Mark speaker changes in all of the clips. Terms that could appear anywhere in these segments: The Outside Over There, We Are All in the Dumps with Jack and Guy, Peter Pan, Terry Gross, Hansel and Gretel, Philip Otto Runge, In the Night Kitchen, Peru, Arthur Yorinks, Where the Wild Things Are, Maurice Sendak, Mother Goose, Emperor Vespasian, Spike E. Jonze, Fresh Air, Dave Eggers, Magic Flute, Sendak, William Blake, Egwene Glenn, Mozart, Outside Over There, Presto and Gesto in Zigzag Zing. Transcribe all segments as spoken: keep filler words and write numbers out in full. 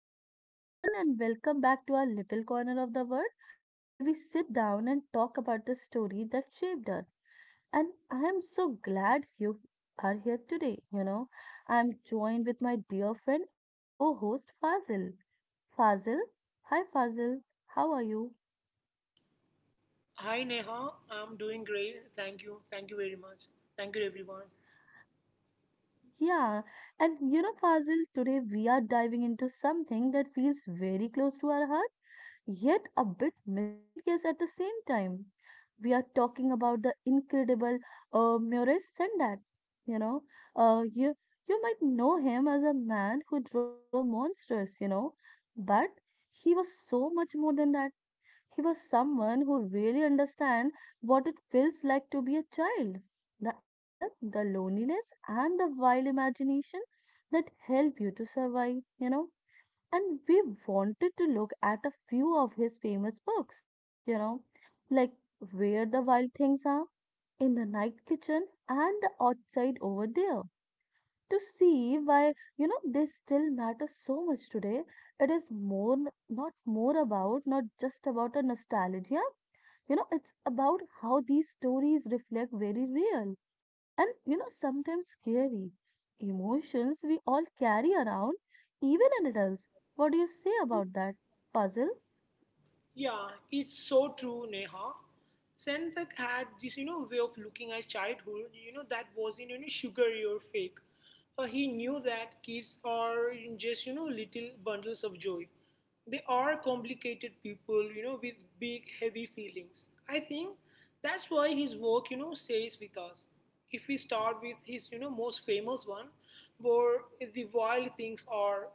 Speaker 1: Hello, everyone, and welcome back to our little corner of the world where we sit down and talk about the story that shaped us. And I am so glad you are here today. You know, I am joined with my dear friend and a co host, Fazil. Fazil, hi, Fazil, how are you?
Speaker 2: Hi Neha, I'm doing great. Thank you. Thank you very much. Thank you everyone.
Speaker 1: Yeah, and you know, Fazil, today we are diving into something that feels very close to our heart, yet a bit mysterious at the same time. We are talking about the incredible uh, Maurice Sendak. You know, uh, you you might know him as a man who draw monsters. You know, but he was so much more than that. He was someone who really understand what it feels like to be a child. The anger, the loneliness, and the wild imagination that help you to survive, you know. And we wanted to look at a few of his famous books, you know, like Where the Wild Things Are, In the Night Kitchen, and The Outside Over There. To see why, you know, they still matter so much today. It is more, not more about, not just about a nostalgia you know, it's about how these stories reflect very real and, you know, sometimes scary emotions we all carry around, even in adults. What do you say about that? Puzzle?
Speaker 2: Yeah, it's so true, Neha. Senthak had this, you know, way of looking at childhood, you know, that wasn't, you know, sugary or fake. Uh, he knew that kids are just, you know, little bundles of joy. They are complicated people, you know, with big, heavy feelings. I think that's why his work, you know, stays with us. If we start with his, you know, most famous one, Where the Wild Things Are,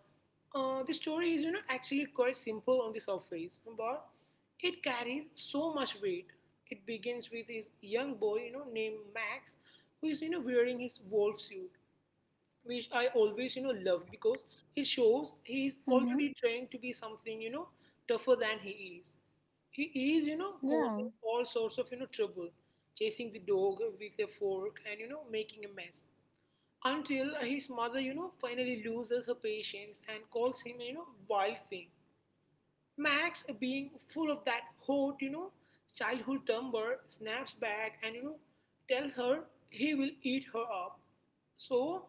Speaker 2: uh, the story is, you know, actually quite simple on the surface, but it carries so much weight. It begins with this young boy, you know, named Max, who is, you know, wearing his wolf suit, which I always, you know, loved because he shows he's
Speaker 1: Mm-hmm.
Speaker 2: already trying to be something, you know, tougher than he is. He is, you know,
Speaker 1: Yeah.
Speaker 2: causing all sorts of, you know, trouble, chasing the dog with a fork and, you know, making a mess. Until his mother, you know, finally loses her patience and calls him, you know, wild thing. Max, being full of that hot, you know, childhood temper, snaps back and, you know, tells her he will eat her up. So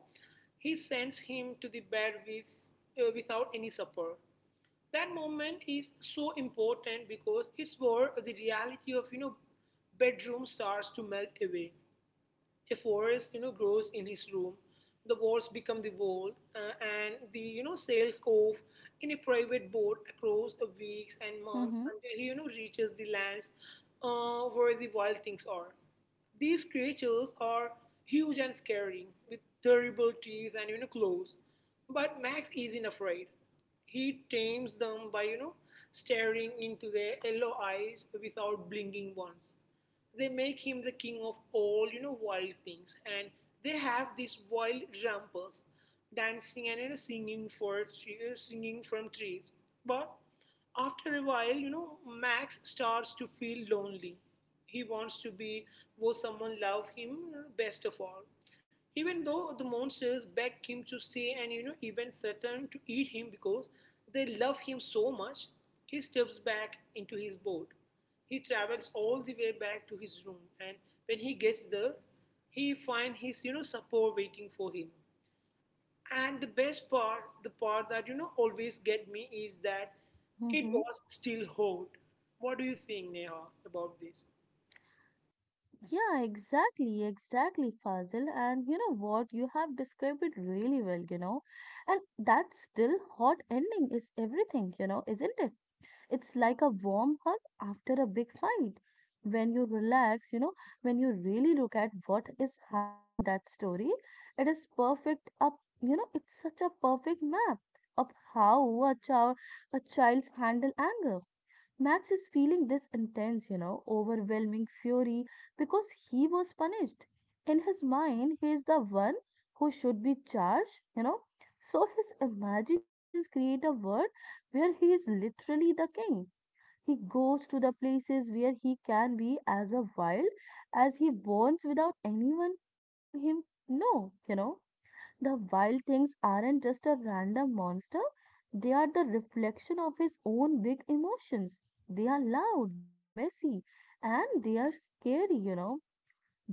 Speaker 2: he sends him to the bed with, uh, without any supper. That moment is so important because it's where the reality of, you know, bedroom starts to melt away. A forest, you know, grows in his room. The walls become the world, uh, and the you know sails off in a private boat across the weeks and months
Speaker 1: Mm-hmm.
Speaker 2: until he you know reaches the lands, uh, where the wild things are. These creatures are huge and scary, with terrible teeth and you know claws. But Max isn't afraid. He tames them by you know staring into their yellow eyes without blinking once. They make him the king of all you know wild things, and they have these wild rampers dancing and you know, singing for singing from trees. But after a while, you know, Max starts to feel lonely. He wants to be where someone love him best of all. Even though the monsters beg him to stay and you know even threaten to eat him because they love him so much, he steps back into his boat. He travels all the way back to his room, and when he gets there, he finds his you know support waiting for him. And the best part, the part that you know always get me is that it
Speaker 1: Mm-hmm.
Speaker 2: was still hot. What do you think, Neha, about this?
Speaker 1: Yeah, exactly, exactly, Fazil. And you know what? You have described it really well, you know. And that still hot ending is everything, you know, isn't it? It's like a warm hug after a big fight. When you relax, you know, when you really look at what is happening in that story, it is perfect up, you know, it's such a perfect map of how a child a child's handle anger. Max is feeling this intense, you know, overwhelming fury because he was punished. In his mind, he is the one who should be charged, you know. So his imaginations create a world where he is literally the king. He goes to the places where he can be as a wild as he wants without anyone telling him no, you know. The wild things aren't just a random monster, they are the reflection of his own big emotions. They are loud, they are messy, and they are scary, you know.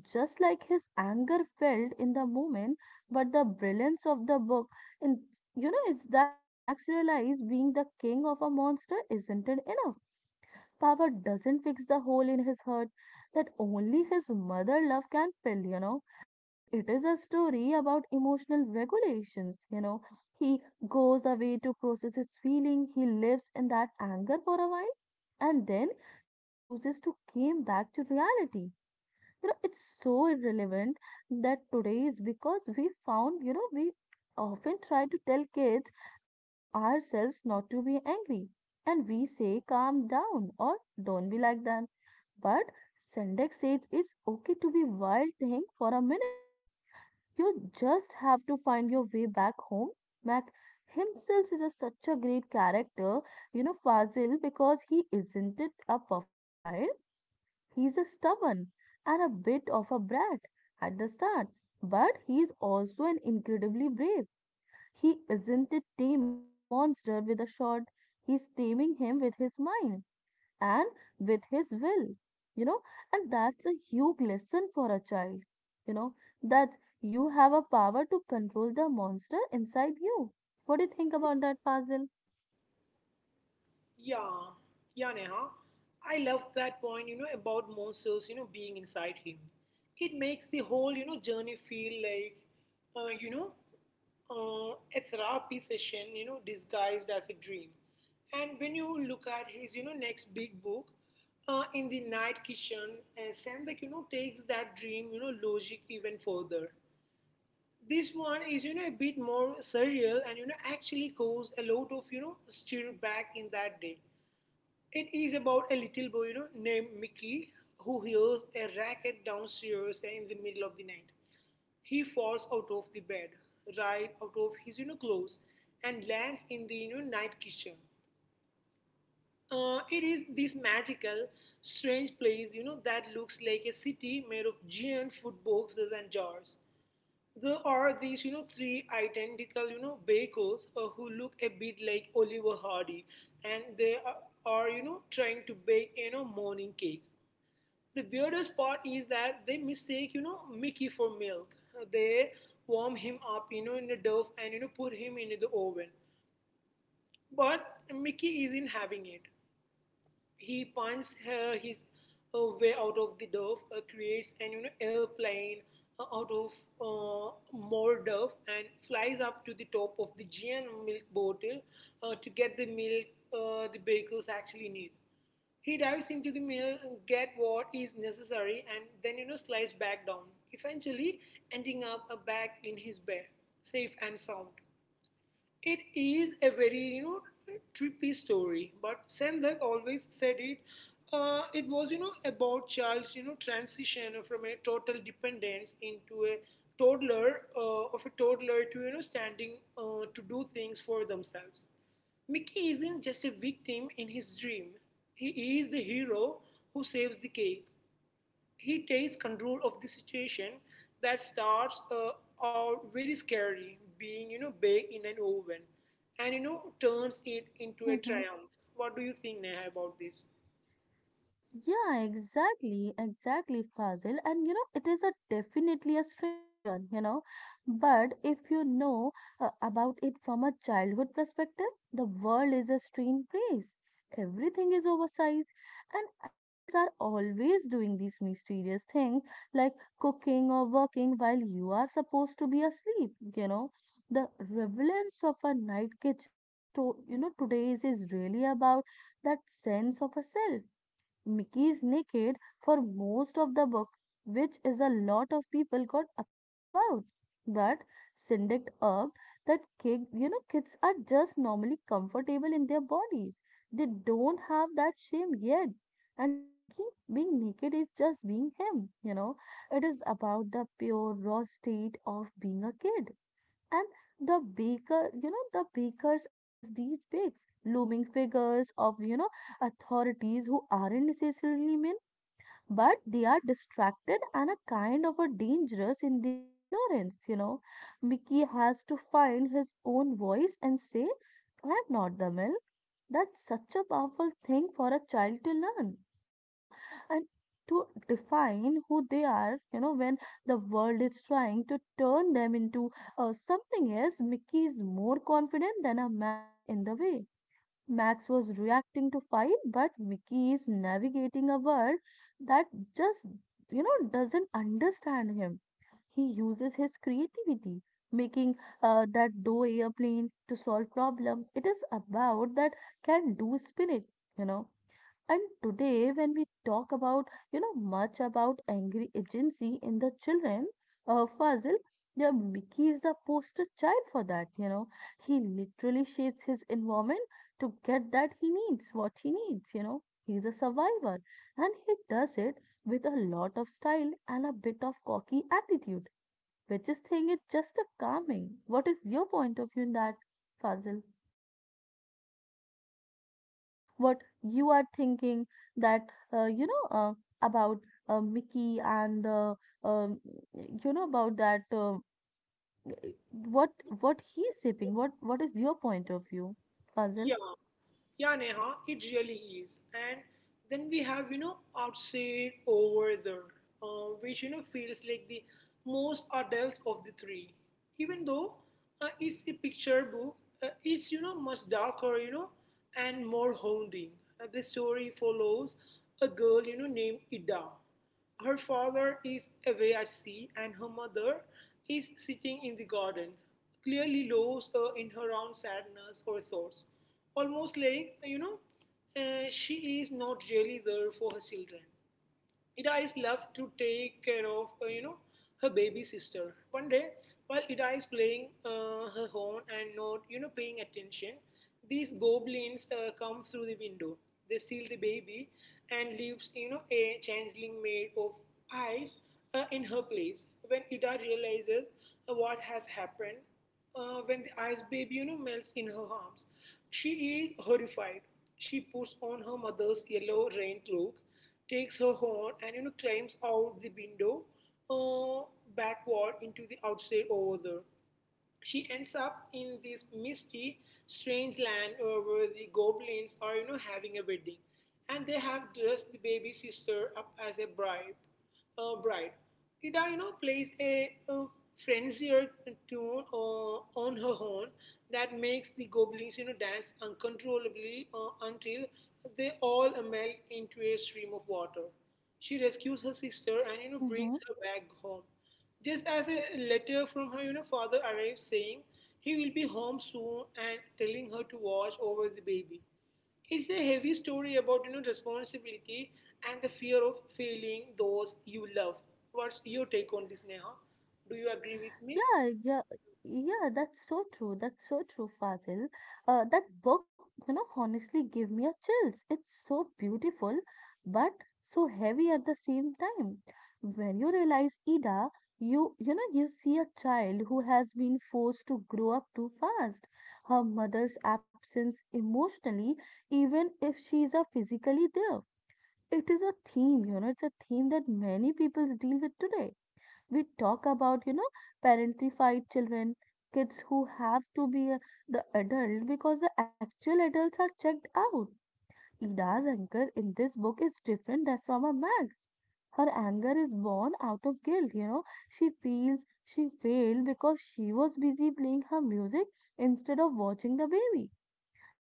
Speaker 1: Just like his anger felt in the moment, but the brilliance of the book in you know, is that Max realized being the king of a monster isn't it enough power doesn't fix the hole in his heart that only his mother love can fill, you know. And it is a story about emotional regulations, you know. He goes away to process his feeling, he lives in that anger for a while, and then he chooses to came back to reality. You know, it's so irrelevant that today is because we found, you know, we often try to tell kids and, you know, ourselves not to be angry. And we say, calm down or don't be like that. But Sendex says it's okay to be wild thing for a minute. You just have to find your way back home. Mac himself is a, such a great character, you know, Fazil, because he isn't it a perfect child. He's a stubborn and a bit of a brat at the start, but he's also an incredibly brave. He isn't it taming the monster with a shot, he's taming him with his mind and with his will, you know, and that's a huge lesson for a child, you know, that you have a power to control the monster inside you. What do you think about that, Fazil?
Speaker 2: Yeah, yeah, Neha. I love that point, you know, about monsters, you know, being inside him. It makes the whole, you know, journey feel like, uh, you know, uh, a therapy session, you know, disguised as a dream. And when you look at his, you know, next big book, uh, In the Night Kitchen, uh, Sendak, you know, takes that dream, you know, logic even further. This one is, you know, a bit more surreal and, you know, actually caused a lot of, you know, stir back in that day. It is about a little boy, you know, named Mickey who hears a racket downstairs in the middle of the night. He falls out of the bed, right out of his, you know, clothes and lands in the, you know, night kitchen. Uh, it is this magical, strange place, you know, that looks like a city made of giant food boxes and jars. There are these, you know, three identical, you know, bakers, uh, who look a bit like Oliver Hardy, and they are, are, you know, trying to bake, you know, morning cake. The weirdest part is that they mistake, you know, Mickey for milk. Uh, They warm him up, you know, in the dove and, you know, put him in the oven. But Mickey isn't having it. He finds her his uh, way out of the dove, uh, creates an you know, airplane, uh, out of uh, more dove, and flies up to the top of the giant milk bottle, uh, to get the milk, uh, the bakers actually need. He dives into the mill, get what is necessary, and then you know slides back down, eventually ending up, uh, back in his bed, safe and sound. It is a very you know trippy story, but Sendak always said it. Uh, it was you know about child's you know transition from a total dependence into a toddler, uh, of a toddler to you know standing, uh, to do things for themselves. Mickey isn't just a victim in his dream. He is the hero who saves the cake. He takes control of the situation that starts, uh, out very scary, being you know baked in an oven, and you know turns it into a triumph. What do you think, Neha, about this?
Speaker 1: Yeah, exactly, exactly, Fazil. And you know, it is a definitely a strange one, you know. But if you know uh, about it from a childhood perspective, the world is a strange place. Everything is oversized, and adults are always doing these mysterious things like cooking or working while you are supposed to be asleep, you know. The relevance of a night kitchen, sto- you know, today's is really about that sense of a self Mickey is naked for most of the book, which is a lot of people got upset about. But Syndic argued that kid, you know kids are just normally comfortable in their bodies. They don't have that shame yet. And to Mickey, being naked is just being him, you know. It is about the pure raw state of being a kid. And the baker, you know, the bakers as these bigs, looming figures of, you know, authorities who aren't necessarily men, but they are distracted and a kind of a dangerous in their ignorance you know mickey has to find his own voice and say I'm not the milk that's such a powerful thing for a child to learn you know and to define who they are you know when the world is trying to turn them into uh, something else mickey is more confident than a max in the way Max was reacting to fight, but Mickey is navigating a world that just, you know, doesn't understand him. He uses his creativity, making uh, that dough airplane to solve problem. It is about that can do spirit, you know. And today, when we talk about, you know, much about angry agency in the children, uh, Fazil, yeah, Mickey is the poster child for that, you know. He literally shapes his environment to get that he needs, what he needs, you know. He's a survivor and he does it with a lot of style and a bit of cocky attitude, which is thing is just a calming. What is your point of view in that, Fazil? What you are thinking that uh, you know uh, about uh, Mickey and the um, you know about that um, what what he's sipping what what is your point of view Fazil?
Speaker 2: Yeah, Yeah, Neha, it really is. And then we have, you know, Outside Over There, uh, which, you know, feels like the most adult of the three. Even though, uh, it's a picture book, uh, it's, you know, much darker, you know, and more haunting. Uh, the story follows a girl, you know, named Ida. Her father is away at sea, and her mother is sitting in the garden, clearly lost, uh, in her own sadness or thoughts. Almost like, you know, uh, she is not really there for her children. Ida is left to take care of, uh, you know, her baby sister. One day, while Ida is playing, uh, her horn and not, you know, paying attention, these goblins, uh, come through the window. They steal the baby and leaves, you know, a changeling made of ice, uh, in her place. When Ida realizes, uh, what has happened, uh, when the ice baby, you know, melts in her arms, she is horrified. She puts on her mother's yellow rain cloak, takes her horn, and you know climbs out the window, uh, backward into the outside over there. She ends up in this misty, strange land, uh, where the goblins are, you know, having a wedding, and they have dressed the baby sister up as a bride. Uh, bride. Ida, you know, plays a, a frenzied tune, uh, on her horn that makes the goblins, you know, dance uncontrollably, uh, until they all melt into a stream of water. She rescues her sister and, you know, brings her back home. Just as a letter from her, you know, father arrives saying he will be home soon and telling her to watch over the baby. It's a heavy story about you know responsibility and the fear of failing those you love. What's your take on this, Neha? Do you agree with me?
Speaker 1: Yeah, yeah, yeah, that's so true. That's so true, Fazil. Uh, that book, you know, honestly gave me a chills. It's so beautiful, but so heavy at the same time. When you realize, Ida, you, you know, you see a child who has been forced to grow up too fast. Her mother's absence emotionally, even if she's a physically there. It is a theme, you know, it's a theme that many people deal with today we talk about you know parentified children kids who have to be a- the adult because the actual adults are checked out ida's anger in this book is different than from a max her anger is born out of guilt you know she feels she failed because she was busy playing her music instead of watching the baby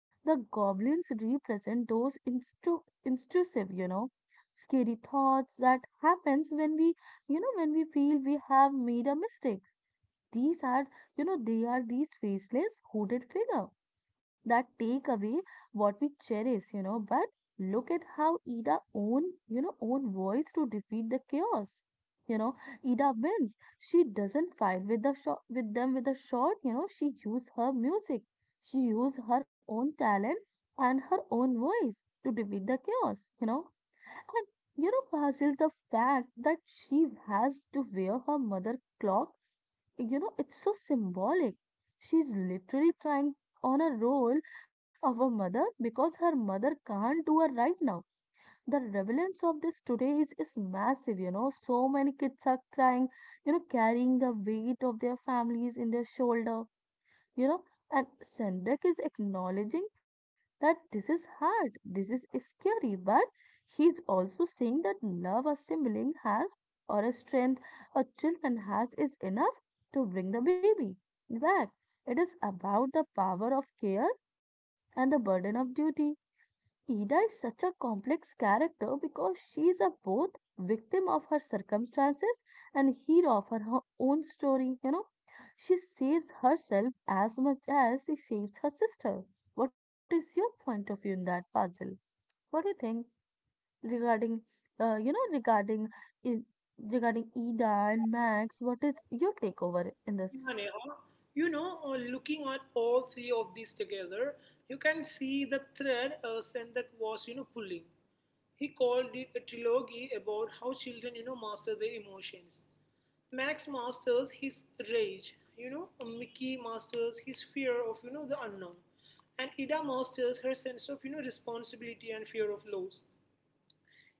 Speaker 1: the goblins represent those instru- intrusive, you know, scary thoughts that happens when we, you know, when we feel we have made a mistakes. These are, you know, they are these faceless hooded figure that take away what we cherish, you know. But look at how Ida own, you know, own voice to defeat the chaos. You know, Ida wins. She doesn't fight with the shot with them with a shot. You know, she used her music. She used her own talent and her own voice to defeat the chaos. You know, and you know, Fasil, the fact that she has to wear her mother clock you know, it's so symbolic. She's literally trying on a role of a mother because her mother can't do her right now. The relevance of this today is, is massive, you know. So many kids are crying, you know, carrying the weight of their families in their shoulder you know and Sendak is acknowledging that this is hard this is scary but he's also saying that love a sibling has or a strength a children has is enough to bring the baby back it is about the power of care and the burden of duty Ida is such a complex character because she is a both victim of her circumstances and hero of her ho- own story, you know. She saves herself as much as she saves her sister. What is your point of view in that puzzle? What do you think regarding, uh, you know, regarding in regarding Ida and Max? What is your take over in
Speaker 2: Mane,
Speaker 1: this?
Speaker 2: uh, you know, uh, looking at all three of these together, you can see the thread, uh, Sendak was, you know, pulling. He called it a trilogy about how children, you know, master their emotions. Max masters his rage, you know, Mickey masters his fear of, you know, the unknown, and Ida masters her sense of, you know, responsibility and fear of loss.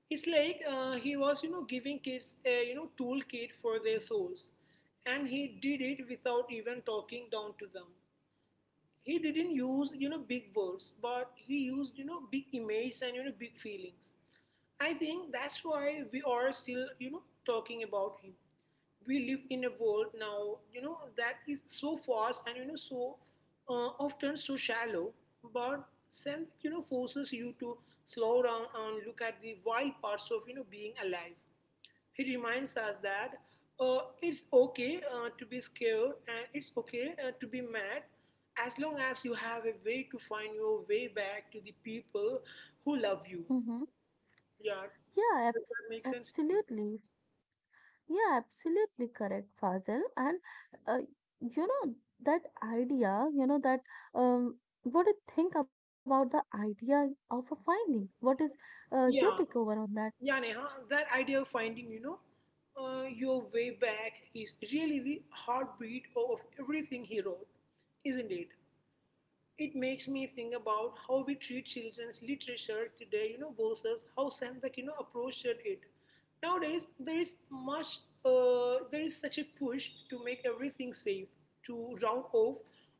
Speaker 2: It's like, uh, he was, you know, giving kids a, you know, toolkit for their souls, and he did it without even talking down to them. He didn't use you know big words, but he used you know big images and you know big feelings. I think that's why we are still you know talking about him. We live in a world now you know that is so fast and you know so uh, often so shallow. But sense you know forces you to slow down and look at the wild parts of you know being alive. He reminds us that, uh, it's okay, uh, to be scared, and it's okay, uh, to be mad, as long as you have a way to find your way back to the people who love you.
Speaker 1: Mm-hmm.
Speaker 2: Yeah,
Speaker 1: Yeah, ab-
Speaker 2: does that make sense to you?
Speaker 1: absolutely. Yeah, absolutely correct, Fazil. And uh, you know that idea, you know that um, what do you think about the idea of a finding? What is uh, your
Speaker 2: Yeah,
Speaker 1: takeover on that?
Speaker 2: yeah, Neha, that idea of finding, you know, uh, your way back is really the heartbeat of everything he wrote, isn't it? It makes me think about how we treat children's literature today, you know, versus how Sendak, you know, approached it. Nowadays, there is much, uh, there is such a push to make everything safe, to round off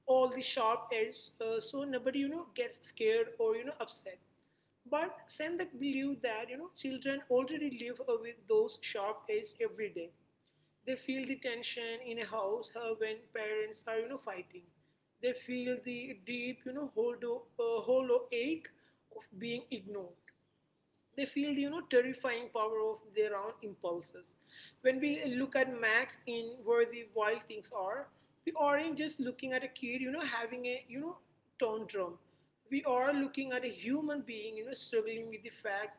Speaker 2: all the sharp edges, uh, so nobody, you know, gets scared or you know upset. But Sendak believed that you know children already live with those sharp edges every day. They feel the tension in a house, uh, when parents are you know fighting. They feel the deep you know hollow, uh, hollow ache of being ignored. They feel the you know terrifying power of their own impulses. When we look at Max in Where the Wild Things Are, we aren't just looking at a kid you know having a you know tantrum. We are looking at a human being you know struggling with the fact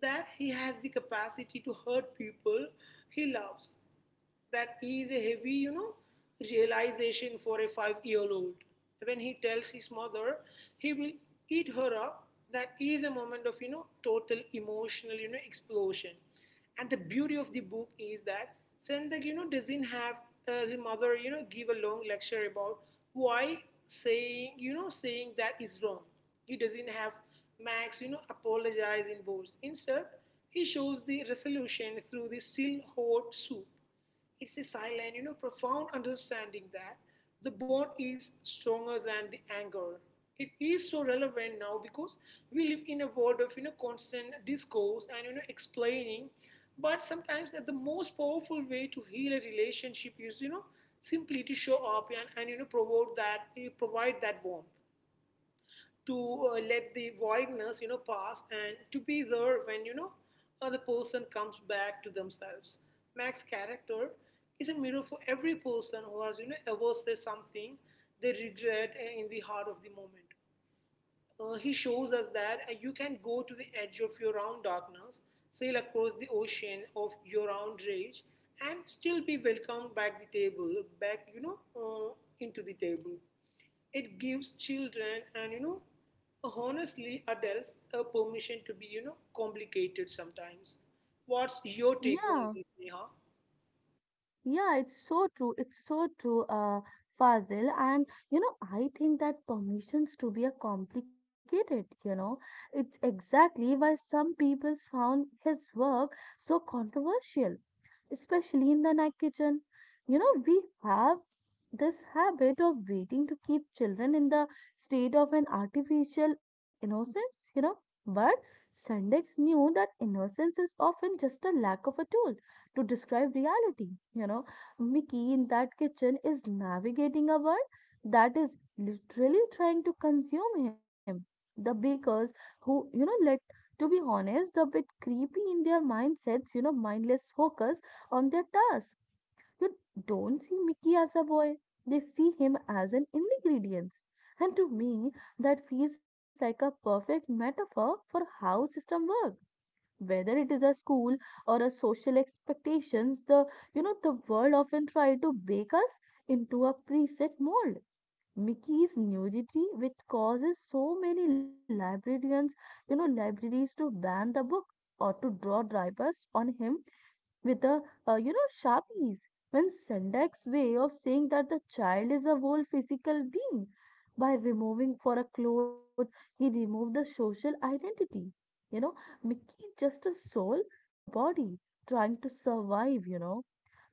Speaker 2: that he has the capacity to hurt people he loves. That is a heavy, you know, realization for a five year old. When he tells his mother he will eat her up. That is a moment of, you know, total emotional, you know, explosion. And the beauty of the book is that Sendak, you know, doesn't have uh, the mother, you know, give a long lecture about why saying, you know, saying that is wrong. He doesn't have Max, you know, apologize in words. Instead, he shows the resolution through the still hot soup. It's a silent, you know, profound understanding that the bond is stronger than the anger. It is so relevant now because we live in a world of you know constant discourse and you know explaining, but sometimes that the most powerful way to heal a relationship is you know simply to show up and, and you know provide that eh, provide that warmth to uh, let the voidness you know pass, and to be there when you know uh, the person comes back to themselves. Mac's character is a mirror for every person who has you know ever said something they regret uh, in the heart of the moment. Uh, he shows us that uh, you can go to the edge of your own darkness, sail across the ocean of your own rage, and still be welcomed back the table, back you know uh, into the table. It gives children and you know honestly adults a permission to be you know complicated sometimes. What's your take on
Speaker 1: Yeah,
Speaker 2: this, Neha?
Speaker 1: yeah, it's so true. It's so true, uh, Fazil. And you know, I think that permissions to be a complicated. You know, it's exactly why some people's found his work so controversial. Especially in the night kitchen. You know, we have this habit of waiting to keep children in the state of an artificial innocence, you know. But Sendex knew that innocence is often just a lack of a tool to describe reality. You know, Mickey in that kitchen is navigating a world that is literally trying to consume him. The bakers who, you know, let to be honest, a bit creepy in their mindsets, you know, mindless focus on their task. You don't see Mickey as a boy, they see him as an ingredient. And to me, that feels like a perfect metaphor for how system work. Whether it is a school or a social expectations, the you know the world often try to bake us into a preset mold. Mickey's nudity, which causes so many librarians, you know, libraries to ban the book or to draw drivers on him with the uh, you know sharpies when Sendak's way of saying that the child is a whole physical being, by removing for a cloth, he removed the social identity. You know mickey is just a soul in the body trying to survive. you know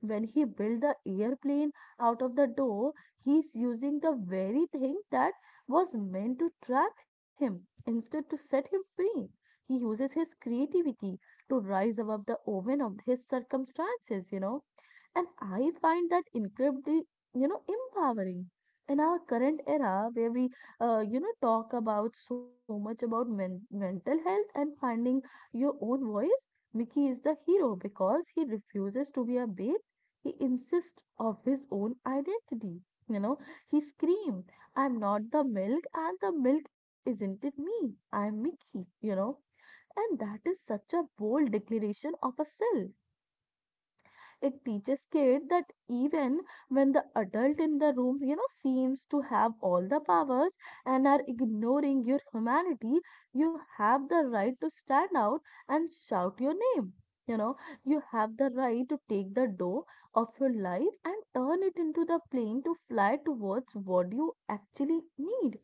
Speaker 1: when he built the airplane out of the door, he's using the very thing that was meant to trap him instead to set him free. He uses his creativity to rise above the oven of his circumstances, you know. And I find that incredibly, you know, empowering. In our current era, where we, uh, you know, talk about so much about men- mental health and finding your own voice, Mickey is the hero because he refuses to be a baby. He insists of his own identity. You know, he screams, "I'm not the milk and the milk isn't it me. I'm Mickey, you know. And that is such a bold declaration of a self. It teaches kids that even when the adult in the room, you know, seems to have all the powers and are ignoring your humanity, you have the right to stand out and shout your name. You know, you have the right to take the door of your life and turn it into the plane to fly towards what you actually need.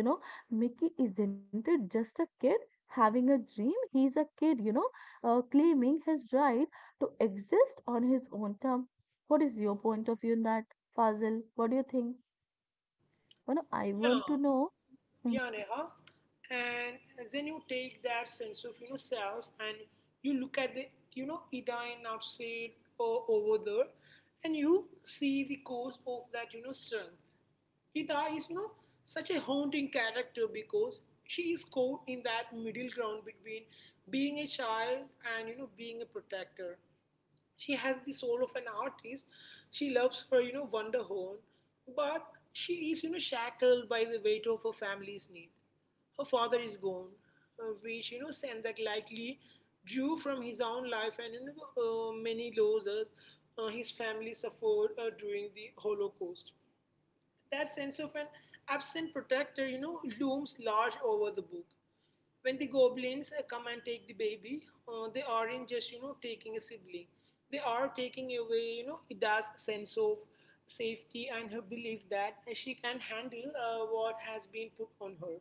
Speaker 1: You know, Mickey isn't it just a kid having a dream? He's a kid, you know, uh, claiming his right to exist on his own term. What is your point of view in that, Fazil? What do you think? Well, I
Speaker 2: Yeah,
Speaker 1: want to know. Mm-hmm.
Speaker 2: yeah, Neha. And then you take that sense of you know self, and you look at the you know Edine outside or over there, and you see the cause of that you know strength. Ida is you know such a haunting character because she is caught in that middle ground between being a child and you know being a protector. She has the soul of an artist. She loves her you know wonder horn, but she is you know shackled by the weight of her family's need. Her father is gone, uh, which you know Sendak likely drew from his own life and you know, uh, many losses uh, his family suffered uh, during the Holocaust. That sense of an absent protector, you know, looms large over the book. When the goblins uh, come and take the baby, uh, they aren't just, you know, taking a sibling. They are taking away, you know, Ida's sense of safety and her belief that she can handle uh, what has been put on her.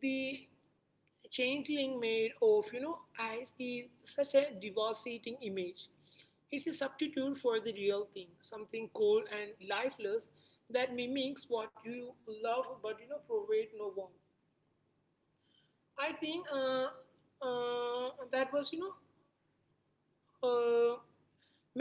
Speaker 2: The changeling made of you know ice is such a devastating image. It's a substitute for the real thing, something cold and lifeless that mimics what you love but you know provide no warmth. I think uh, uh, that was you know uh,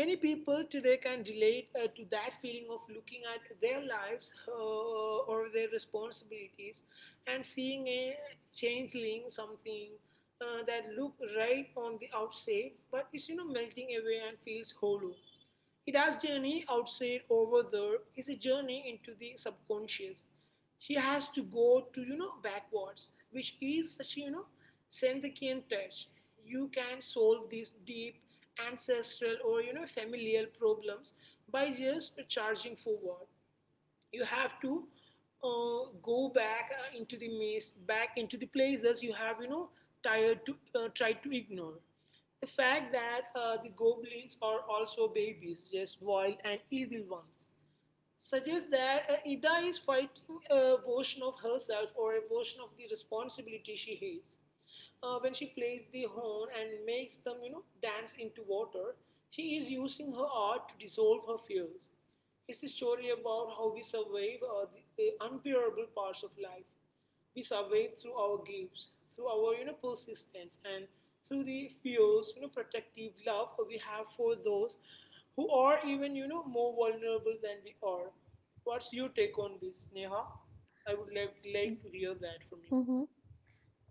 Speaker 2: many people today can relate uh, to that feeling of looking at their lives uh, or their responsibilities, and seeing a changeling, something uh, that look right on the outside, but is you know melting away and feels hollow. It has journey outside over there is a journey into the subconscious. She has to go to, you know, backwards, which is such, you know, Senthikian touch. You can solve these deep ancestral or, you know, familial problems by just charging forward. You have to uh, go back uh, into the maze, back into the places you have you know tired to uh, tried to ignore. The fact that uh, the goblins are also babies, just wild and evil ones, suggests that uh, Ida is fighting a version of herself or a version of the responsibility she hates. Uh, when she plays the horn and makes them, you know, dance into water, she is using her art to dissolve her fears. It's a story about how we survive uh, the uh, unbearable parts of life. We survive through our gifts, through our, you know, persistence, and through the fierce, you know, protective love we have for those who are even, you know, more vulnerable than we are. What's your take on this, Neha? I would like, like to hear that from you.
Speaker 1: Mm-hmm.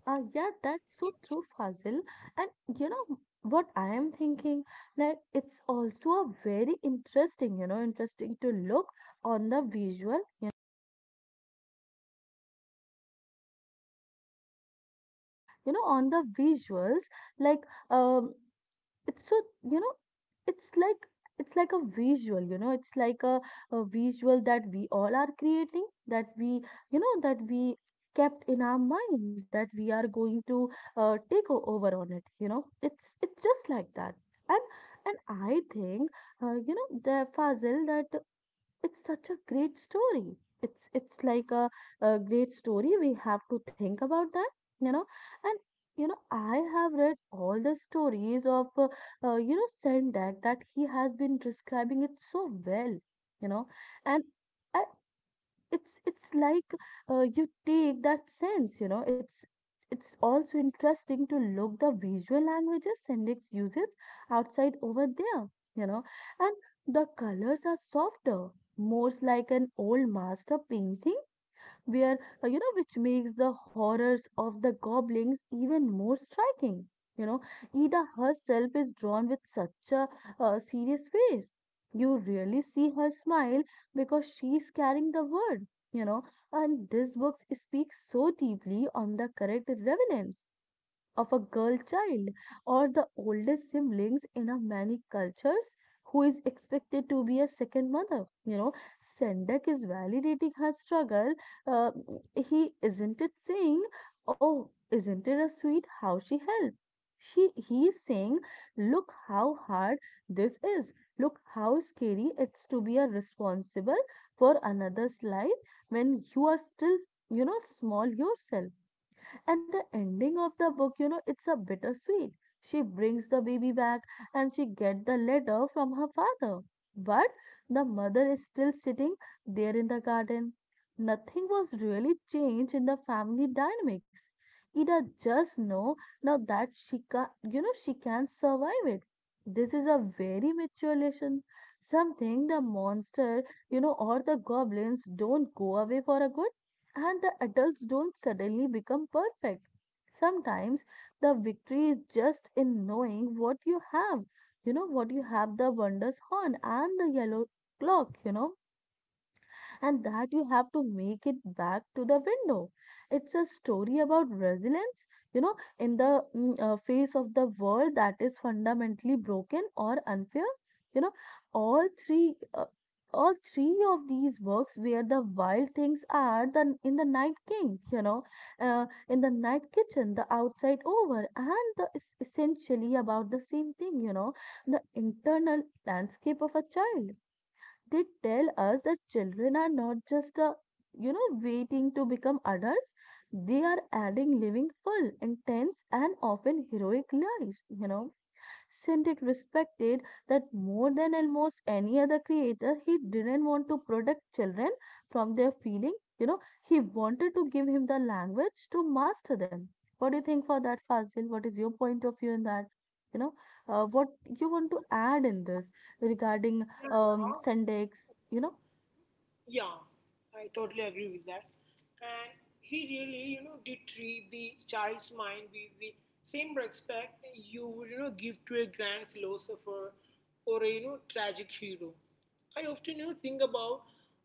Speaker 1: Uh, yeah, that's so true, Fazil. And you know what I am thinking? Like it's also a very interesting, you know, interesting to look on the visual, you know, on the visuals. Like um, it's so, you know it's like it's like a visual, you know it's like a, a visual that we all are creating, that we you know that we kept in our mind, that we are going to uh, take o- over on it, you know it's it's just like that. And and I think, uh, you know the Fazil, that it's such a great story. It's it's like a, a great story. We have to think about that, you know and you know I have read all the stories of uh, uh, you know Sendak, that he has been describing it so well, you know and I, it's it's like, uh, you take that sense. you know it's it's also interesting to look the visual languages Sendix uses outside over there. you know and the colors are softer, more like an old master painting, where uh, you know which makes the horrors of the goblins even more striking. You know, Ida herself is drawn with such a uh, serious face. You really see her smile because she's carrying the word, you know, and this book speaks so deeply on the correct relevance of a girl child or the oldest siblings in a many cultures who is expected to be a second mother. You know, Sendak is validating her struggle. Uh, he isn't it saying, "Oh, isn't it a sweet how she helped?" She he is saying, "Look how hard this is. Look how scary it's to be a responsible for another's life when you are still, you know, small yourself." And the ending of the book, you know, it's a bittersweet. She brings the baby back and she gets the letter from her father. But the mother is still sitting there in the garden. Nothing was really changed in the family dynamics. Ida just know now that she can, you know, she can survive it. This is a very mature lesson. Something the monster, you know, or the goblins don't go away for a good, and the adults don't suddenly become perfect. Sometimes the victory is just in knowing what you have, you know, what you have the wondrous horn and the yellow clock, you know and that you have to make it back to the window. It's a story about resilience, you know, in the mm, uh, face of the world that is fundamentally broken or unfair. You know, all three. Uh, all three of these works, where the wild things are, the in the night king, you know uh, in the night kitchen, the outside over, and the, is essentially about the same thing, you know the internal landscape of a child. They tell us that children are not just uh, you know waiting to become adults. They are adding living full intense and often heroic lives, you know Shindig respected that more than almost any other creator. He didn't want to protect children from their feeling. You know, he wanted to give him the language to master them. What do you think for that, Fazil? What is your point of view in that? You know, uh, what you want to add in this
Speaker 2: Yeah,
Speaker 1: regarding
Speaker 2: Neha.
Speaker 1: um, Shindigs? You know,
Speaker 2: Yeah, I totally agree with that. And he really, you know, did treat the child's mind with the same respect you would, you know, give to a grand philosopher or a, you know, tragic hero. I often, you know, think about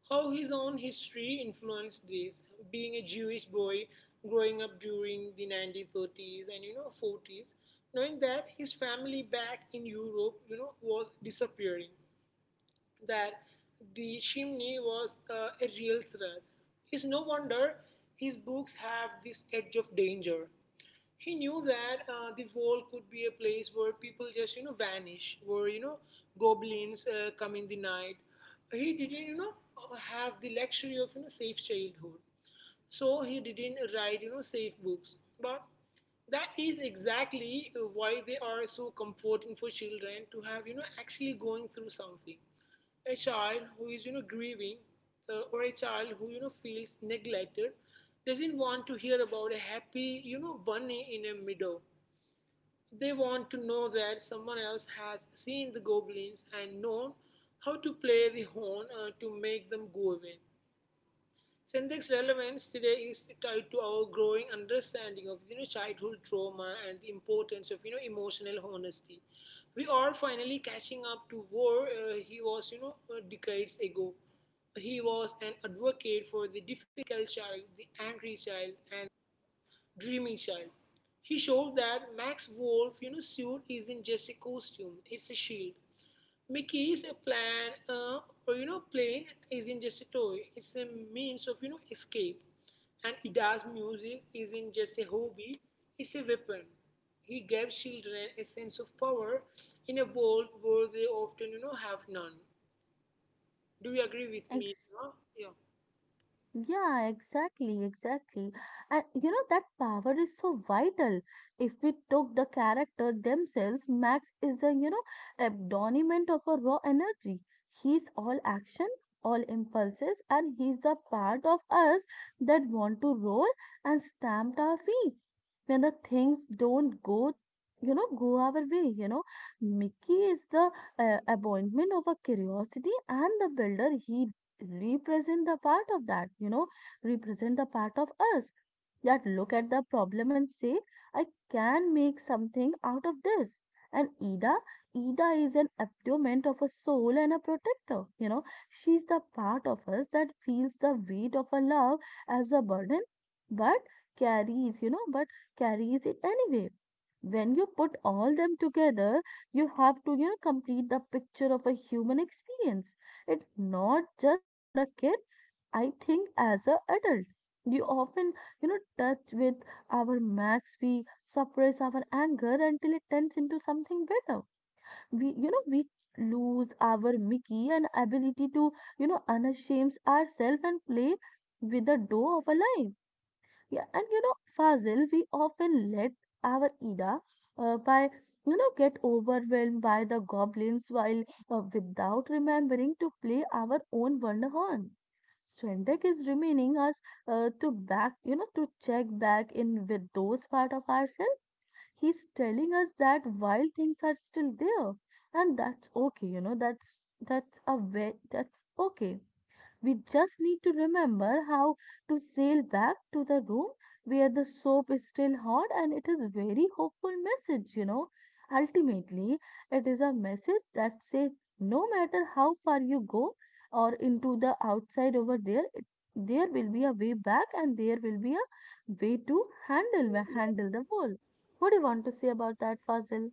Speaker 2: how his own history influenced this. Being a Jewish boy growing up during the nineteen thirties and, you know, forties, knowing that his family back in Europe, you know, was disappearing, that the chimney was uh, a real threat. It's no wonder his books have this edge of danger. He knew that uh, the wall could be a place where people just you know vanish, where you know goblins uh, come in the night. He didn't you know have the luxury of you know safe childhood, so he didn't write you know safe books. But that is exactly why they are so comforting for children to have, you know actually going through something. A child who is you know grieving, uh, or a child who you know feels neglected doesn't want to hear about a happy you know bunny in a meadow. They want to know that someone else has seen the goblins and known how to play the horn uh, to make them go away. Syntax relevance today is tied to our growing understanding of you know childhood trauma and the importance of you know emotional honesty. We are finally catching up to where uh, he was, you know uh, decades ago. He was an advocate for the difficult child, the angry child, and dreamy child. He showed that Max Wolf, you know, suit isn't just a costume; it's a shield. Mickey's plan, uh, or you know, plane isn't just a toy. It's a means of you know escape, and Ida's music isn't just a hobby. It's a weapon. He gave children a sense of power in a world where they often you know have none. Do you agree with me,
Speaker 1: Ex
Speaker 2: Eva? Yeah.
Speaker 1: Yeah, exactly, exactly. And you know that power is so vital. If we took the character themselves, Max is a, you know, embodiment of a raw energy. He's all action, all impulses, and he's the part of us that want to roll and stamp our feet when the things don't go, you know, go our way, you know. Mickey is the uh, appointment of a curiosity and the builder. He represent the part of that you know represent the part of us that look at the problem and say, I can make something out of this. And ida ida is an abdomen of a soul and a protector. You know she's the part of us that feels the weight of a love as a burden, but carries you know but carries it anyway. When you put all them together, you have to you know complete the picture of a human experience. It's not just for a kid. I think as a adult, you often, you know, touch with our Max. We suppress our anger until it turns into something better. We, you know, we lose our Mickey and ability to, you know, unashamed ourselves and play with the door of our lives. Yeah, and you know, Fazil, we often let our Ida, uh, by you know get overwhelmed by the goblins while, uh, without remembering to play our own Wonderhorn. Strendek is remaining us, uh, to back, you know to check back in with those part of ourselves. He's telling us that wild things are still there, and that's okay. You know that's that's a way that's okay. We just need to remember how to sail back to the room where the soap is still hot, and it is very hopeful message, you know. Ultimately, it is a message that says no matter how far you go or into the outside over there, it, there will be a way back, and there will be a way to handle handle the world. What do you want to say about that, Fazil?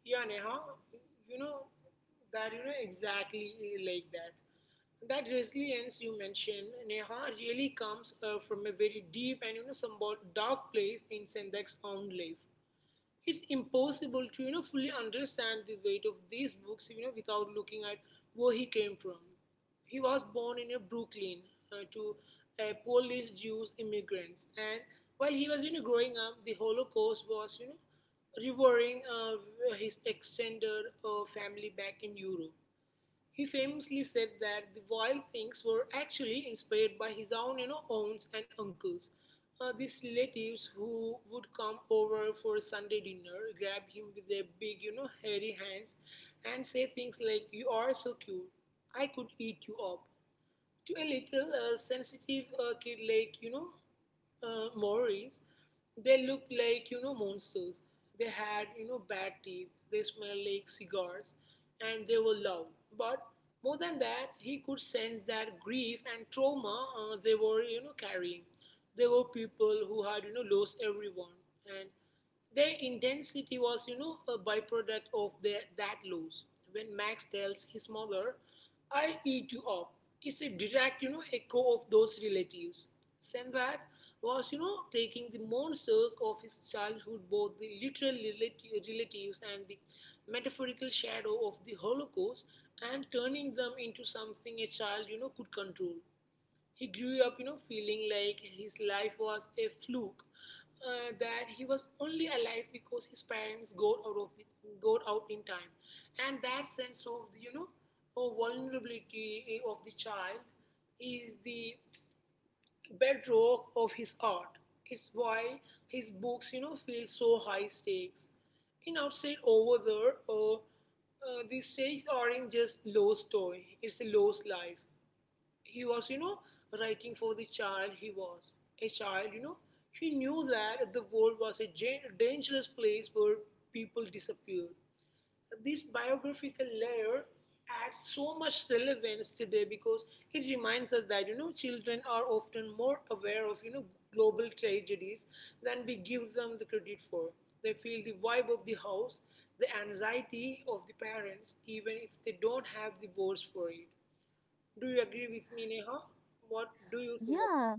Speaker 2: Yeah, Neha, you know that you know exactly like that. That resilience you mentioned, Neha, really comes uh, from a very deep and you know somewhat dark place in Sendak's own life. It's impossible to you know fully understand the weight of these books you know without looking at where he came from. He was born in a Brooklyn, uh, to uh, Polish Jews immigrants, and while he was you know growing up, the Holocaust was you know revering uh, his extended uh, family back in Europe. He famously said that the wild things were actually inspired by his own, you know, aunts and uncles. Uh, these relatives who would come over for a Sunday dinner, grab him with their big, you know, hairy hands, and say things like, "You are so cute. I could eat you up." To a little uh, sensitive uh, kid like you know uh, Maoris, they looked like you know monsters. They had you know bad teeth. They smelled like cigars, and they were loud. But more than that, he could sense that grief and trauma uh, they were you know carrying. They were people who had you know lost everyone, and their intensity was, you know, a byproduct of their, that loss. When Max tells his mother, "I'll eat you up," it's a direct, you know, echo of those relatives. Sendak was, you know, taking the monsters of his childhood, both the literal relati- relatives and the metaphorical shadow of the Holocaust, and turning them into something a child, you know, could control. He grew up, you know, feeling like his life was a fluke, uh, that he was only alive because his parents got out of the, got out in time, and that sense of you know, of vulnerability of the child is the bedrock of his art. It's why his books, you know, feel so high stakes. In outside over there, uh, uh, the stakes aren't just lost toy; it's a lost life. He was, you know, writing for the child he was. A child, you know, he knew that the world was a ja- dangerous place where people disappeared. This biographical layer adds so much relevance today because it reminds us that you know children are often more aware of you know global tragedies than we give them the credit for. They feel the vibe of the house, the anxiety of the parents, even if they don't have the words for it. Do you agree with me, Neha? What do you think? About?
Speaker 1: Yeah,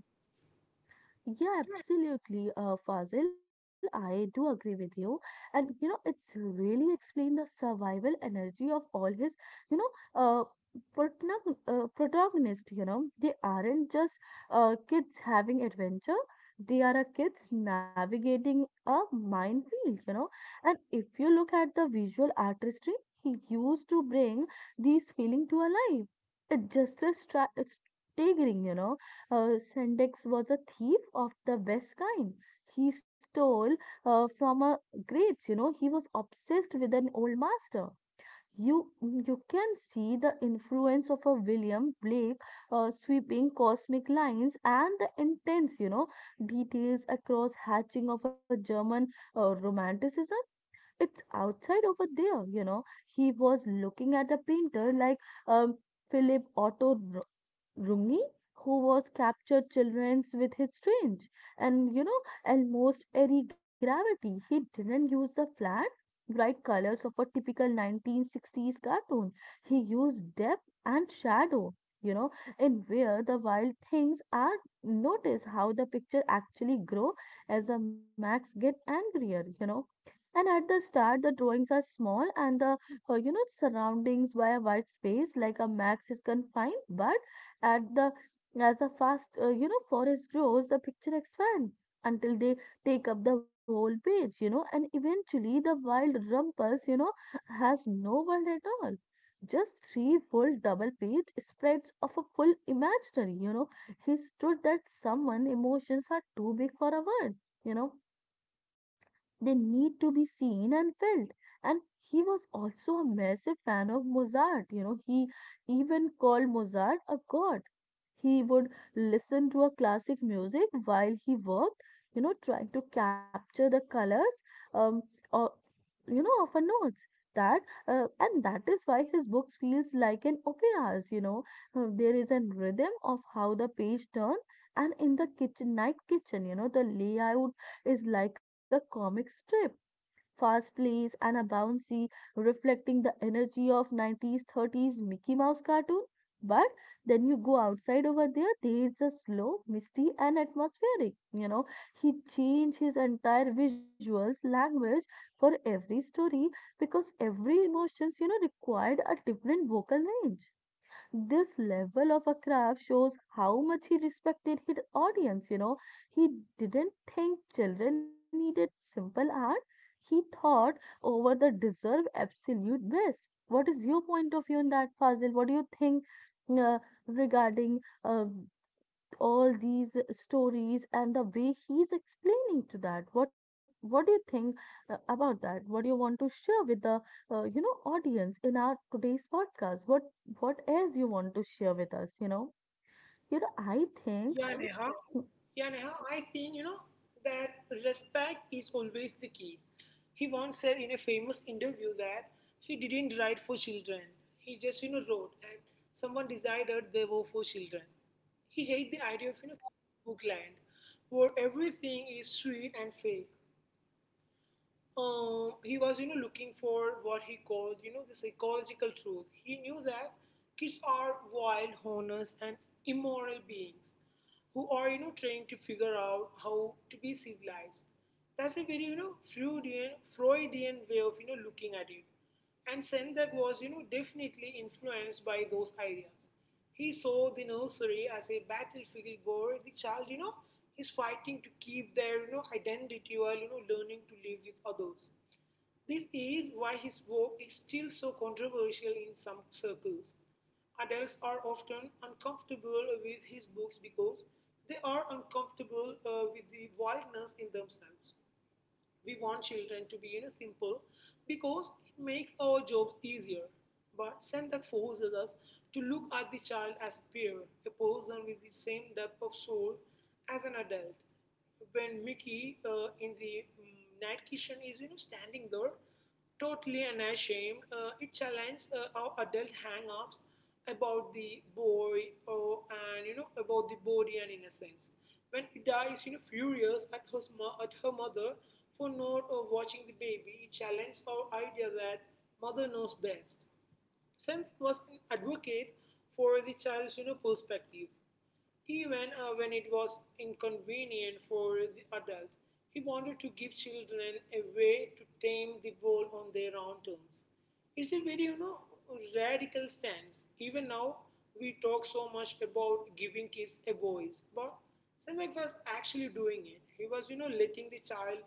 Speaker 1: yeah, absolutely, uh, Fazil. I do agree with you. And, you know, it's really explained the survival energy of all his, you know, uh, protagon- uh, protagonist, you know. They aren't just uh, kids having adventure. They are a kids navigating a minefield, you know. And if you look at the visual artistry, he used to bring these feeling to alive. It's just a stra- it's staggering, you know uh, Sendex was a thief of the best kind. He stole uh, from a greats, you know, he was obsessed with an old master. You, you can see the influence of a William Blake, uh, sweeping cosmic lines and the intense, you know, details across hatching of a German uh, romanticism. It's outside over there, you know. He was looking at a painter like um, Philip Otto Rungi, who was captured children's with his strange and you know almost airy gravity. He didn't use the flat, bright colors of a typical nineteen sixties cartoon. He used depth and shadow, you know, in where the wild things are. Notice how the picture actually grow as the Max get angrier, you know. And at the start, the drawings are small and the, uh, you know, surroundings by a wide space like a max is confined, but at the as the fast uh, you know forest grows, the picture expands until they take up the whole page, you know, and eventually the wild rumpus, you know, has no world at all. Just three full double page spreads of a full imaginary, you know. He stood that someone emotions are too big for a word, you know. They need to be seen and felt. And he was also a massive fan of Mozart, you know. He even called Mozart a god. He would listen to a classic music while he worked, you know, trying to capture the colors um, or you know of a notes that uh, And that is why his books feels like an operas, you know. Uh, there is a rhythm of how the page turn, and in the kitchen night kitchen, you know, the layout is like a comic strip, fast plays, and a bouncy, reflecting the energy of nineties, thirties Mickey Mouse cartoon. But then you go outside over there, there is a slow, misty, and atmospheric. You know, he changed his entire visuals language for every story because every emotions, you know, required a different vocal range. This level of a craft shows how much he respected his audience, you know. He didn't think children needed simple art. He thought over the deserve absolute best. What is your point of view on that, Fazil? What do you think, uh, regarding, uh, all these stories and the way he's explaining to that, what what do you think, uh, about that, what do you want to share with the, uh, you know, audience in our today's podcast? what what else you want to share with us, you know? You know, I
Speaker 2: Yeah,
Speaker 1: think.
Speaker 2: Neha. Yeah, Neha. I think you know that respect is always the key. He once said in a famous interview that he didn't write for children. He just you know wrote, and someone decided they were for children. He hated the idea of you know bookland, where everything is sweet and fake. Um, he was you know looking for what he called you know the psychological truth. He knew that kids are wild, honest, and immoral beings who are you know trying to figure out how to be civilized. That's a very you know Freudian, freudian way of you know looking at it, and Sendak was you know definitely influenced by those ideas. He saw the nursery as a battlefield where the child, you know, is fighting to keep their, you know, identity while, you know, learning to live with others. This is why his work is still so controversial in some circles. Adults are often uncomfortable with his books because they are uncomfortable uh, with the wildness in themselves. We want children to be you know, simple because it makes our jobs easier. But Sendak forces us to look at the child as a peer, a person with the same depth of soul as an adult. When Mickey, uh, in the mm, Night Kitchen, is you know standing there totally unashamed, uh, it challenges uh, our adult hang-ups about the boy or, and you know about the body and innocence. When Ida is you know furious at her at her mother for not uh, watching the baby, it challenges our idea that mother knows best. Senth was an advocate for the child's you know, perspective. Even uh, when it was inconvenient for the adult, he wanted to give children a way to tame the world on their own terms. It's a very, you know, radical stance. Even now, we talk so much about giving kids a voice, but Sendak was actually doing it. He was, you know, letting the child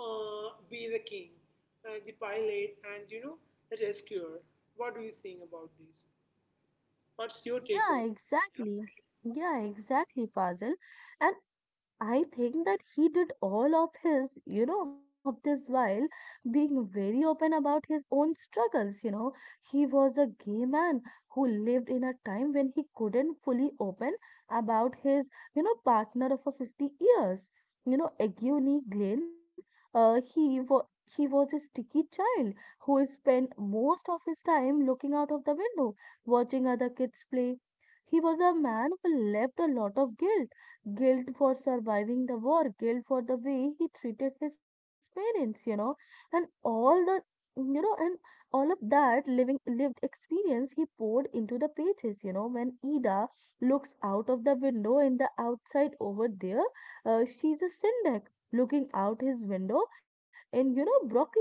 Speaker 2: uh, be the king, uh, the pilot, and, you know, the rescuer. What do you think about this? What's your take on
Speaker 1: Yeah,
Speaker 2: it?
Speaker 1: exactly. Yeah, exactly, Fazil. And I think that he did all of his, you know, of this while being very open about his own struggles. You know, he was a gay man who lived in a time when he couldn't fully open about his, you know, partner of a fifty years. You know, Egwene Glenn, uh, he was. He was a sticky child who spent most of his time looking out of the window, watching other kids play. He was a man who left a lot of guilt guilt for surviving the war, guilt for the way he treated his parents, you know, and all the you know, and all of that living lived experience he poured into the pages, you know, when Ida looks out of the window in the outside over there, uh, she's a syndic looking out his window in, you know, Brooklyn.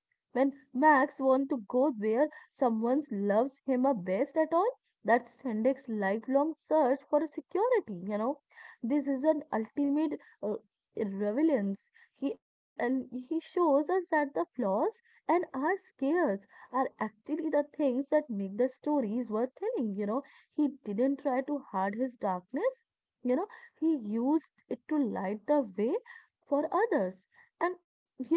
Speaker 1: When Max wants to go where someone loves him a best at all, that's Sendek's lifelong search for security, you know. This is an ultimate uh, relevance. He, and he shows us that the flaws and our scares are actually the things that make the stories worth telling, you know. He didn't try to hide his darkness, you know, he used it to light the way for others. And you know,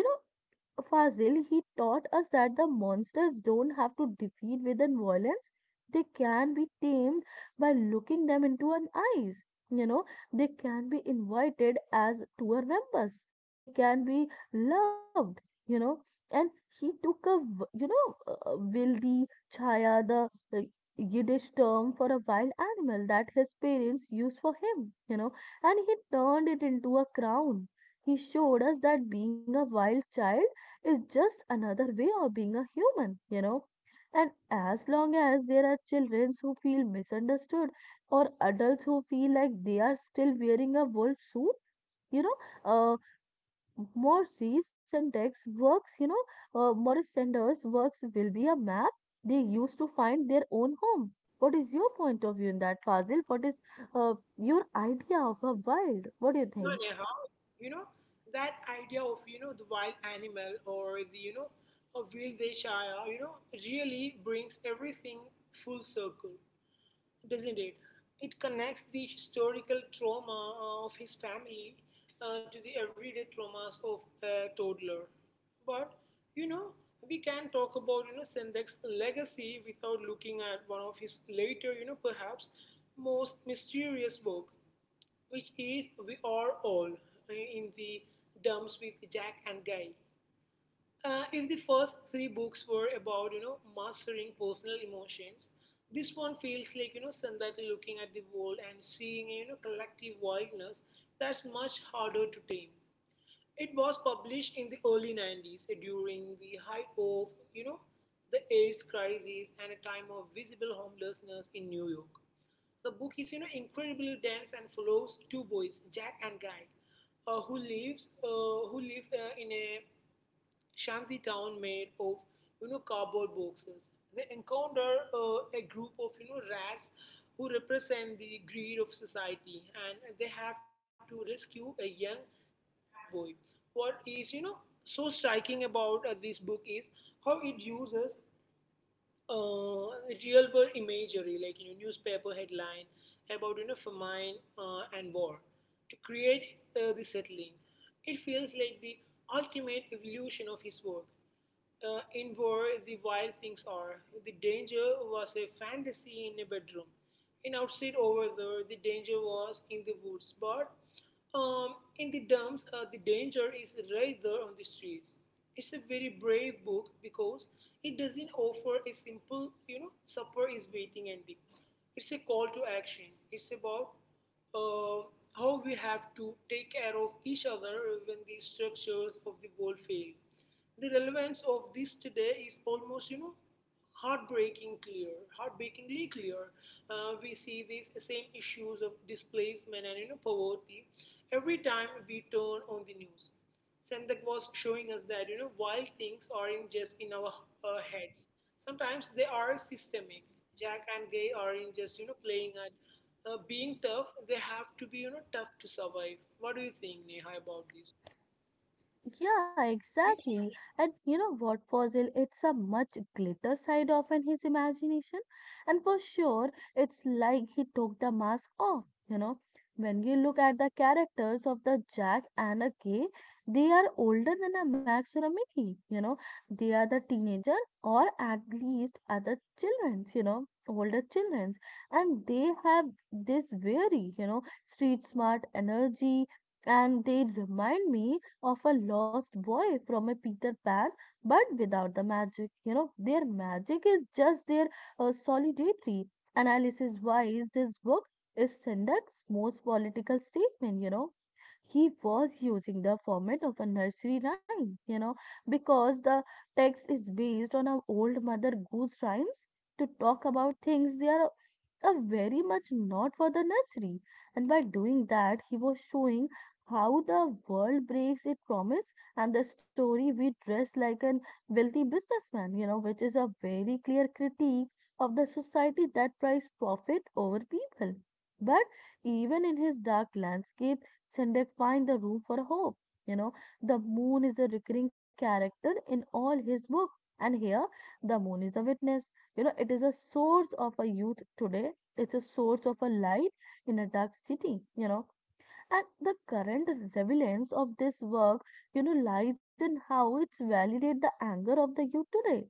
Speaker 1: Fazil, he taught us that the monsters don't have to defeat with the violence. They can be tamed by looking them into an eyes. You know, they can be invited as tour members. They can be loved, you know. And he took a, v- you know, uh, wilde chaya, the uh, Yiddish term for a wild animal that his parents used for him, you know, and he turned it into a crown. He showed us that being a wild child is just another way of being a human, you know. And as long as there are children who feel misunderstood or adults who feel like they are still wearing a wolf suit, you know, uh, Morse's syntax works, you know, uh, Morris Sanders' works will be a map they use to find their own home. What is your point of view in that, Fazil? What is uh, your idea of a world?
Speaker 2: you know,
Speaker 1: What do you
Speaker 2: Neha,
Speaker 1: think?
Speaker 2: you know that idea of you know the wild animal or the you know a wild Shire, you know, really brings everything full circle, doesn't it? It connects the historical trauma uh, of his family uh, to the everyday traumas of a toddler. But you know, we can talk about you know Sendek's legacy without looking at one of his later, you know, perhaps most mysterious work, which is We Are All, uh, in the Dumps with Jack and Guy. Uh, if the first three books were about you know mastering personal emotions, this one feels like you know Sandati looking at the world and seeing a you know collective wildness that's much harder to tame. It was published in the early nineties uh, during the height of you know the AIDS crisis and a time of visible homelessness in New York. The book is you know incredibly dense and follows two boys, Jack and Guy, uh, who lives uh, who live uh, in a shanty town made of you know cardboard boxes. They encounter uh, a group of you know rats who represent the greed of society, and they have to rescue a young boy. What is you know so striking about uh, this book is how it uses uh, real world imagery like you know newspaper headline about you know famine uh, and war to create uh, the settling. It feels like the ultimate evolution of his work. Uh, in war the Wild Things Are, the danger was a fantasy in a bedroom. In Outside Over There, the danger was in the woods, but um, in the Dumps, uh, the danger is right there on the streets. It's a very brave book because it doesn't offer a simple, you know, supper is waiting ending. It's a call to action. It's about uh, how we have to take care of each other when the structures of the world fail. The relevance of this today is almost, you know, heartbreaking clear, heartbreakingly clear. Uh, we see these same issues of displacement and you know, poverty every time we turn on the news. Sendak was showing us that you know while things aren't just in our uh, heads, sometimes they are systemic. Jack and Gay aren't just you know playing at uh, being tough. They have to be you know tough to survive. What do you think, Neha, about this?
Speaker 1: Yeah, exactly. And you know what, Fossil? It's a much glitter side of in his imagination. And for sure, it's like he took the mask off, you know. When you look at the characters of the Jack and a Kay, they are older than a Max or a Mickey, you know. They are the teenager or at least other children's, you know, older children's. And they have this very, you know, street smart energy. And they remind me of a lost boy from a Peter Pan, but without the magic. You know, their magic is just their uh, solidity. Analysis wise, this book is Sendak's most political statement, you know. He was using the format of a nursery rhyme, you know, because the text is based on a old Mother Goose rhymes to talk about things they are a very much not for the nursery. And by doing that, he was showing how the world breaks its promise and the story we dress like an wealthy businessman, you know, which is a very clear critique of the society that prize profit over people. But even in his dark landscape, Sendak finds the room for hope. You know, the moon is a recurring character in all his books, and here the moon is a witness. You know, it is a source of a youth today. It's a source of a light in a dark city. You know, and the current relevance of this work, you know, lies in how it's validate the anger of the youth today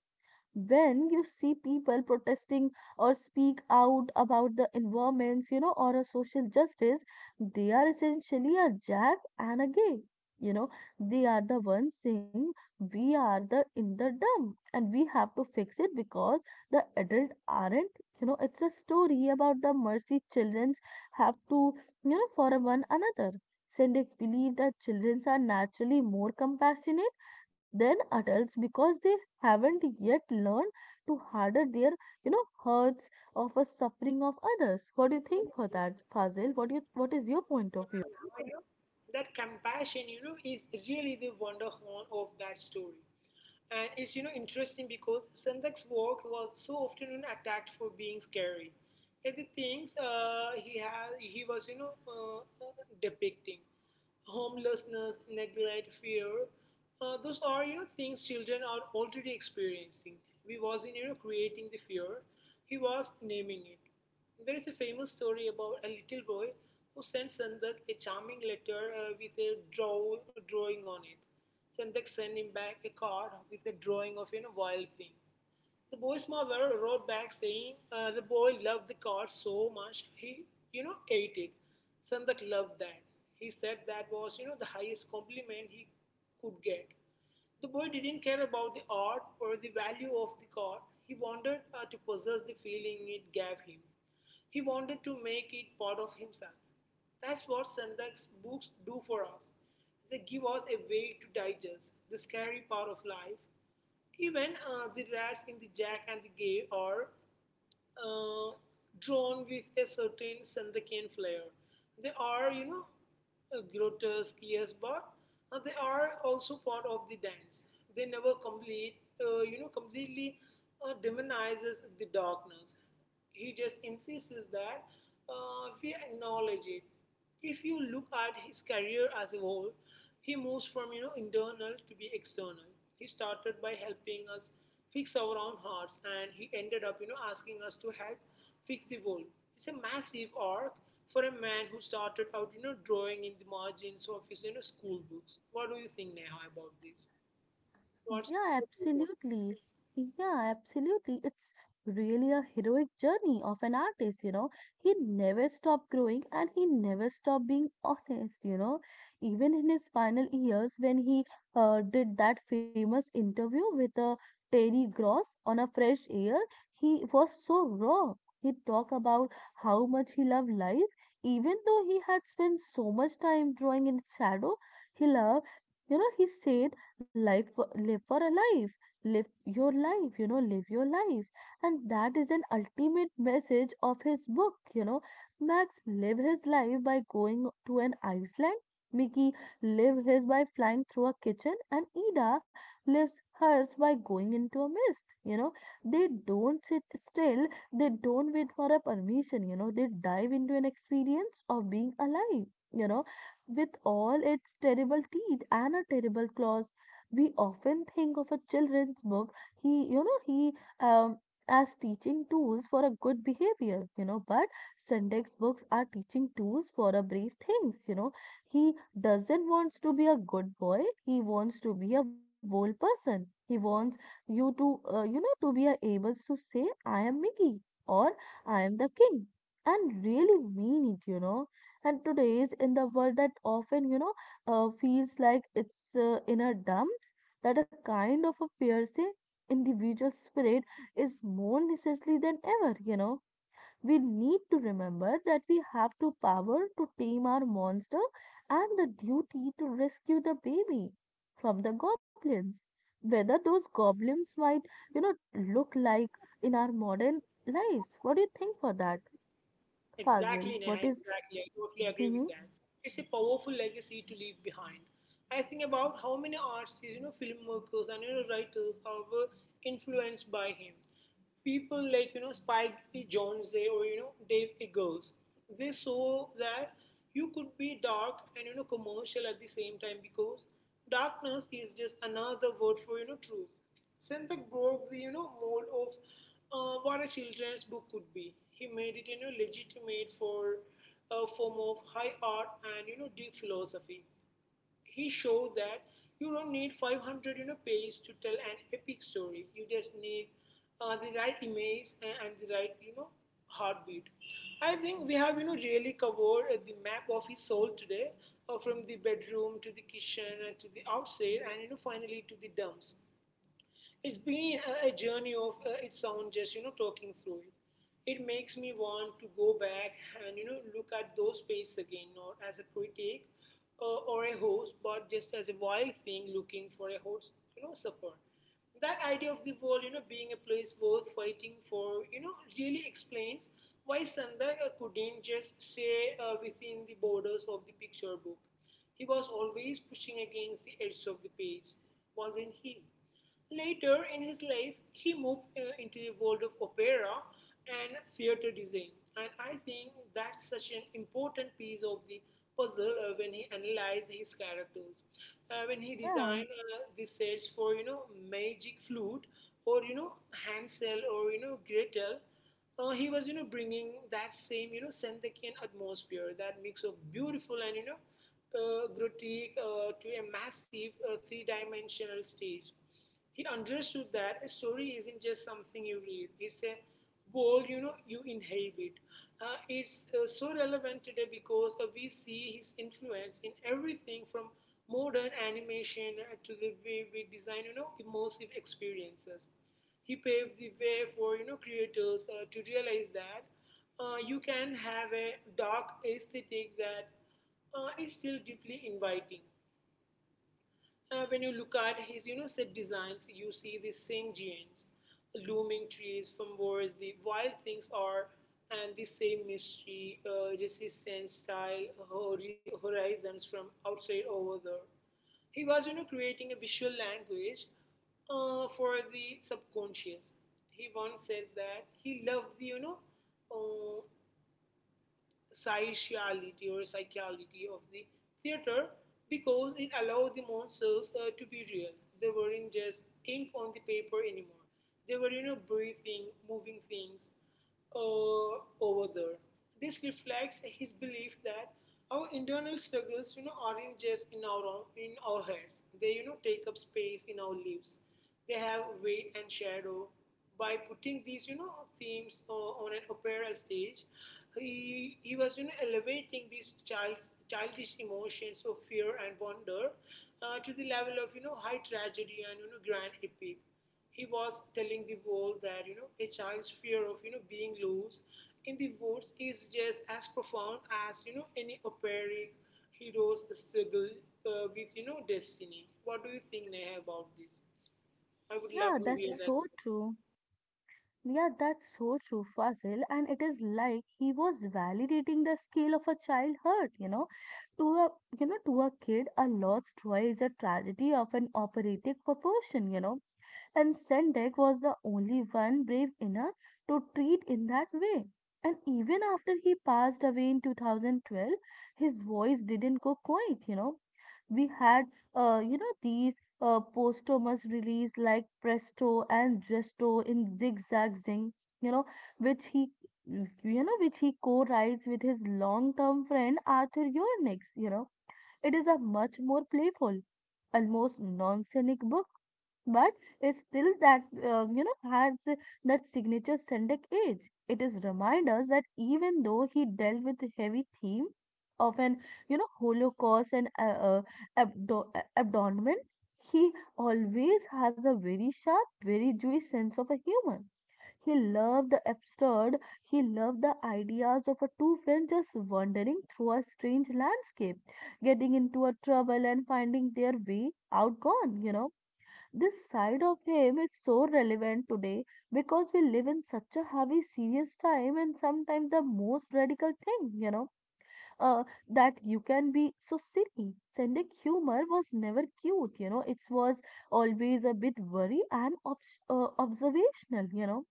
Speaker 1: when you see people protesting or speak out about the environments, you know, or a social justice, they are essentially a jack and a gay. You know, they are the ones saying we are the in the dumb and we have to fix it because the adult aren't. You know, it's a story about the mercy childrens have to, you know, for one another. Syndics believe that children are naturally more compassionate than adults because they haven't yet learned to harden their, you know, hurts of a suffering of others. What do you think for that, Fazil? What do you, what is your point of
Speaker 2: Yeah, you
Speaker 1: view?
Speaker 2: know, that compassion, you know, is really the wonder horn of that story. And it's, you know, interesting because Sandak's work was so often you know, attacked for being scary. Yet the things uh, he had, he was, you know, uh, uh, depicting homelessness, neglect, fear. Uh, those are, you know, things children are already experiencing. He wasn't, you know, creating the fear. He was naming it. There is a famous story about a little boy who sent Sandak a charming letter uh, with a draw, drawing on it. Sandak sent him back a card with a drawing of a you know, wild thing. The boy's mother wrote back saying uh, the boy loved the card so much he, you know, ate it. Sandak loved that. He said that was, you know, the highest compliment he could get. The boy didn't care about the art or the value of the card. He wanted uh, to possess the feeling it gave him. He wanted to make it part of himself. That's what Sandak's books do for us. They give us a way to digest the scary part of life. Even uh, the rats in the Jack and the Gay are uh, drawn with a certain Sandakan flair. They are, you know, uh, grotesque, yes, but uh, they are also part of the dance. They never complete, uh, you know, completely uh, demonizes the darkness. He just insists that uh, we acknowledge it. If you look at his career as a whole, he moves from you know internal to be external. He started by helping us fix our own hearts, and he ended up you know asking us to help fix the world. It's a massive arc for a man who started out you know drawing in the margins of his you know school books. What do you think, Neha, about this? What's
Speaker 1: Yeah,
Speaker 2: your take?
Speaker 1: absolutely. Yeah, absolutely. It's really a heroic journey of an artist, you know. He never stopped growing and he never stopped being honest, you know. Even in his final years, when he uh, did that famous interview with, uh, Terry Gross on a fresh air, he was so raw. He talked about how much he loved life, even though he had spent so much time drawing in its shadow. He loved, you know, he said life for, live for a life, live your life you know live your life. And that is an ultimate message of his book, you know. Max live his life by going to an iceland, Mickey live his by flying through a kitchen, and Ida lives hers by going into a mist, you know. They don't sit still, they don't wait for a permission, you know. They dive into an experience of being alive, you know, with all its terrible teeth and a terrible claws. We often think of a children's book, he you know he um, as teaching tools for a good behavior, you know. But syntax books are teaching tools for a brief things, you know. He doesn't wants to be a good boy, he wants to be a whole person. He wants you to, uh, you know, to be a able to say I am Mickey, or I am the king, and really mean it, you know. And today's in the world that often, you know, uh, feels like it's, uh, inner dumps, that a kind of a piercing individual spirit is more necessary than ever, you know. We need to remember that we have to power to tame our monster and the duty to rescue the baby from the goblins. Whether those goblins might, you know, look like in our modern lives. What do you think for that,
Speaker 2: Exactly,
Speaker 1: Fazil?
Speaker 2: Neha,
Speaker 1: What is-
Speaker 2: exactly. I totally agree with
Speaker 1: Mhm.
Speaker 2: that. It's a powerful legacy to leave behind. I think about how many artists, you know, filmmakers, and you know, writers are were influenced by him. People like, you know, Spike E. Jonze, or, you know, Dave Eggers, they saw that you could be dark and, you know, commercial at the same time because darkness is just another word for, you know, truth. Sandbeck broke the you know mold of uh, what a children's book could be. He made it you know legitimate for a form of high art and you know deep philosophy. He showed that you don't need five hundred you know pages to tell an epic story. You just need uh, the right image, and, and the right you know heartbeat. I think we have you know really covered uh, the map of his soul today, uh, from the bedroom to the kitchen and to the outside and you know finally to the dumps. It's been a journey of uh, its own, just you know, talking through it. It makes me want to go back and you know look at those pages again, not as a critic uh, or a host, but just as a wild thing looking for a host, you know, support. That idea of the world, you know, being a place worth fighting for, you know, really explains why Sandak uh, couldn't just stay uh, within the borders of the picture book. He was always pushing against the edge of the page, wasn't he? Later in his life, he moved uh, into the world of opera and theater design. And I think that's such an important piece of the puzzle uh, when he analyzed his characters. Uh, when he
Speaker 1: Yeah,
Speaker 2: designed uh, the sets for, you know, Magic Flute, or, you know, Hansel, or, you know, Gretel, uh, he was, you know, bringing that same, you know, Senthekian atmosphere, that mix of beautiful and, you know, uh, grotesque uh, to a massive uh, three-dimensional stage. He understood that a story isn't just something you read; it's a world you know you inhabit. Uh, it's uh, so relevant today because uh, we see his influence in everything from modern animation uh, to the way we design you know immersive experiences. He paved the way for you know creators uh, to realize that uh, you can have a dark aesthetic that uh, is still deeply inviting. Uh, when you look at his, you know, set designs, you see the same genes, looming trees from Wars, the Wild Things Are, and the same mystery, uh, resistance, style, horizons from Outside Over There. He was, you know, creating a visual language uh, for the subconscious. He once said that he loved the, you know, uh, psychiality or psychiality of the theater because it allowed the monsters uh, to be real. They weren't just ink on the paper anymore. They were, you know, breathing, moving things uh, over there. This reflects his belief that our internal struggles, you know, aren't just in our own, in our heads. They, you know, take up space in our lives. They have weight and shadow. By putting these you know themes o- on an opera stage, he, he was you know elevating these child, childish emotions of fear and wonder uh, to the level of you know high tragedy and you know grand epic. He was telling the world that you know a child's fear of you know being loose in the woods is just as profound as you know any operatic hero's struggle uh, with you know destiny. What do you think, Neha, about this? I would love
Speaker 1: yeah,
Speaker 2: to
Speaker 1: that's
Speaker 2: hear that.
Speaker 1: so true. Yeah, that's so true, Fazil. And it is like he was validating the scale of a child hurt, you know. To a, you know, to a kid, a lost toy is a tragedy of an operatic proportion, you know. And Sendak was the only one brave enough to treat in that way. And even after he passed away in two thousand twelve, his voice didn't go quiet, you know. We had, uh, you know, these uh, posthumous release like Presto and Gesto in Zigzag Zing, you know, which he, you know, which he co-writes with his long-term friend Arthur Yornix, you know. It is a much more playful, almost non-scenic book, but it's still that, uh, you know, has that signature Sendak age. It is remind us that even though he dealt with the heavy theme of an, you know, Holocaust and, uh, uh, abdo- uh, abandonment, he always has a very sharp, very Jewish sense of a humor. He loved the absurd, he loved the ideas of a two friends just wandering through a strange landscape, getting into a trouble and finding their way out gone, you know. This side of him is so relevant today because we live in such a heavy, serious time, and sometimes the most radical thing, you know, uh, that you can be so silly. Sending humor was never cute, you know, it was always a bit worry and obs- uh, observational, you know.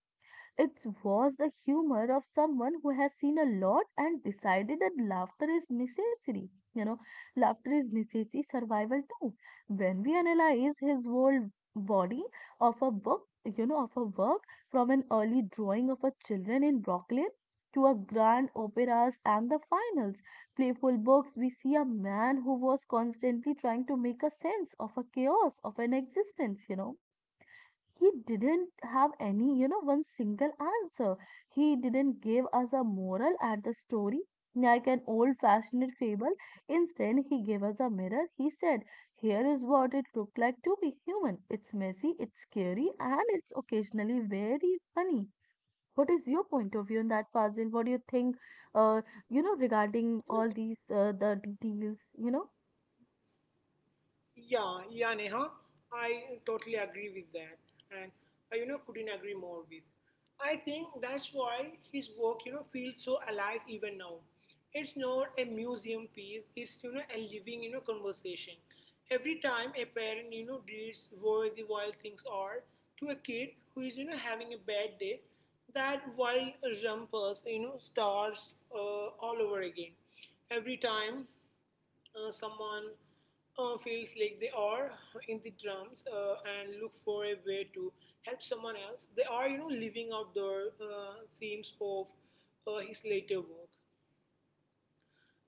Speaker 1: It was the humor of someone who has seen a lot and decided that laughter is necessary. You know, laughter is necessary survival too. When we analyze his whole body of a book, you know, of a work, from an early drawing of a children in Brooklyn to a grand operas and the finals, playful books, we see a man who was constantly trying to make a sense of a chaos of an existence, you know. He didn't have any, you know, one single answer. He didn't give us a moral at the story, like an old fashioned fable. Instead, he gave us a mirror. He said, here is what it looked like to be human. It's messy, it's scary, and it's occasionally very funny. What is your point of view on that, Fazil? What do you think, uh, you know, regarding all these, uh, the details, you know?
Speaker 2: Yeah, yeah, Neha, I totally agree with that, and I, you know, couldn't agree more with. I think that's why his work, you know, feels so alive even now. It's not a museum piece; it's you know a living, you know, conversation. Every time a parent, you know, reads Where the Wild Things Are to a kid who is, you know, having a bad day, that wild rumpus, you know, starts uh, all over again. Every time uh, someone uh, feels like they are in the drums uh, and look for a way to help someone else, they are, you know, living out their uh, themes of uh, his later work.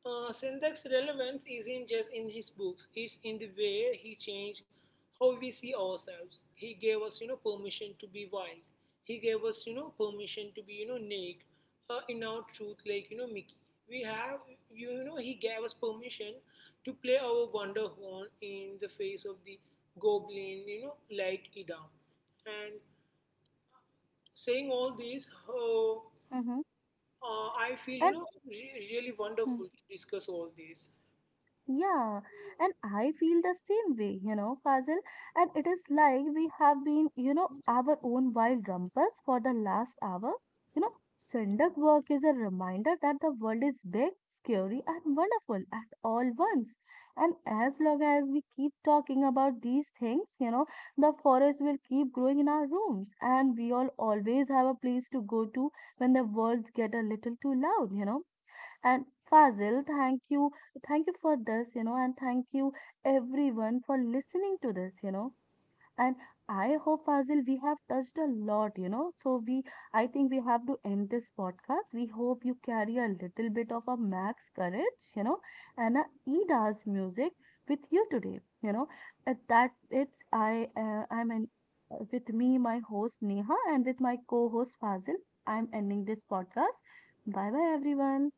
Speaker 2: Uh, Sendak's relevance isn't just in his books, it's in the way he changed how we see ourselves. He gave us, you know, permission to be wild. He gave us, you know, permission to be, you know, naked uh, in our truth, like, you know, Mickey. We have, you know, he gave us permission to play our wonder horn in the face of the goblin, you know, like Idam. And saying all this, uh,
Speaker 1: Mm-hmm.
Speaker 2: uh, I feel, you
Speaker 1: And
Speaker 2: know, re- really wonderful to discuss all this.
Speaker 1: yeah, and I feel the same way, you know, Fazil. And it is like we have been, you know, our own wild rumpus for the last hour. You know, Sendak work is a reminder that the world is big, scary, and wonderful at all once. And as long as we keep talking about these things, you know, the forest will keep growing in our rooms, and we all always have a place to go to when the words get a little too loud, you know. And Fazil, thank you. Thank you for this, you know, and thank you everyone for listening to this, you know. And I hope, Fazil, we have touched a lot, you know. So we, I think we have to end this podcast. We hope you carry a little bit of a Max courage, you know, and a Ida's music with you today, you know. At that, it's I, uh, I'm an, with me, my host Neha, and with my co-host Fazil. I'm ending this podcast. Bye bye, everyone.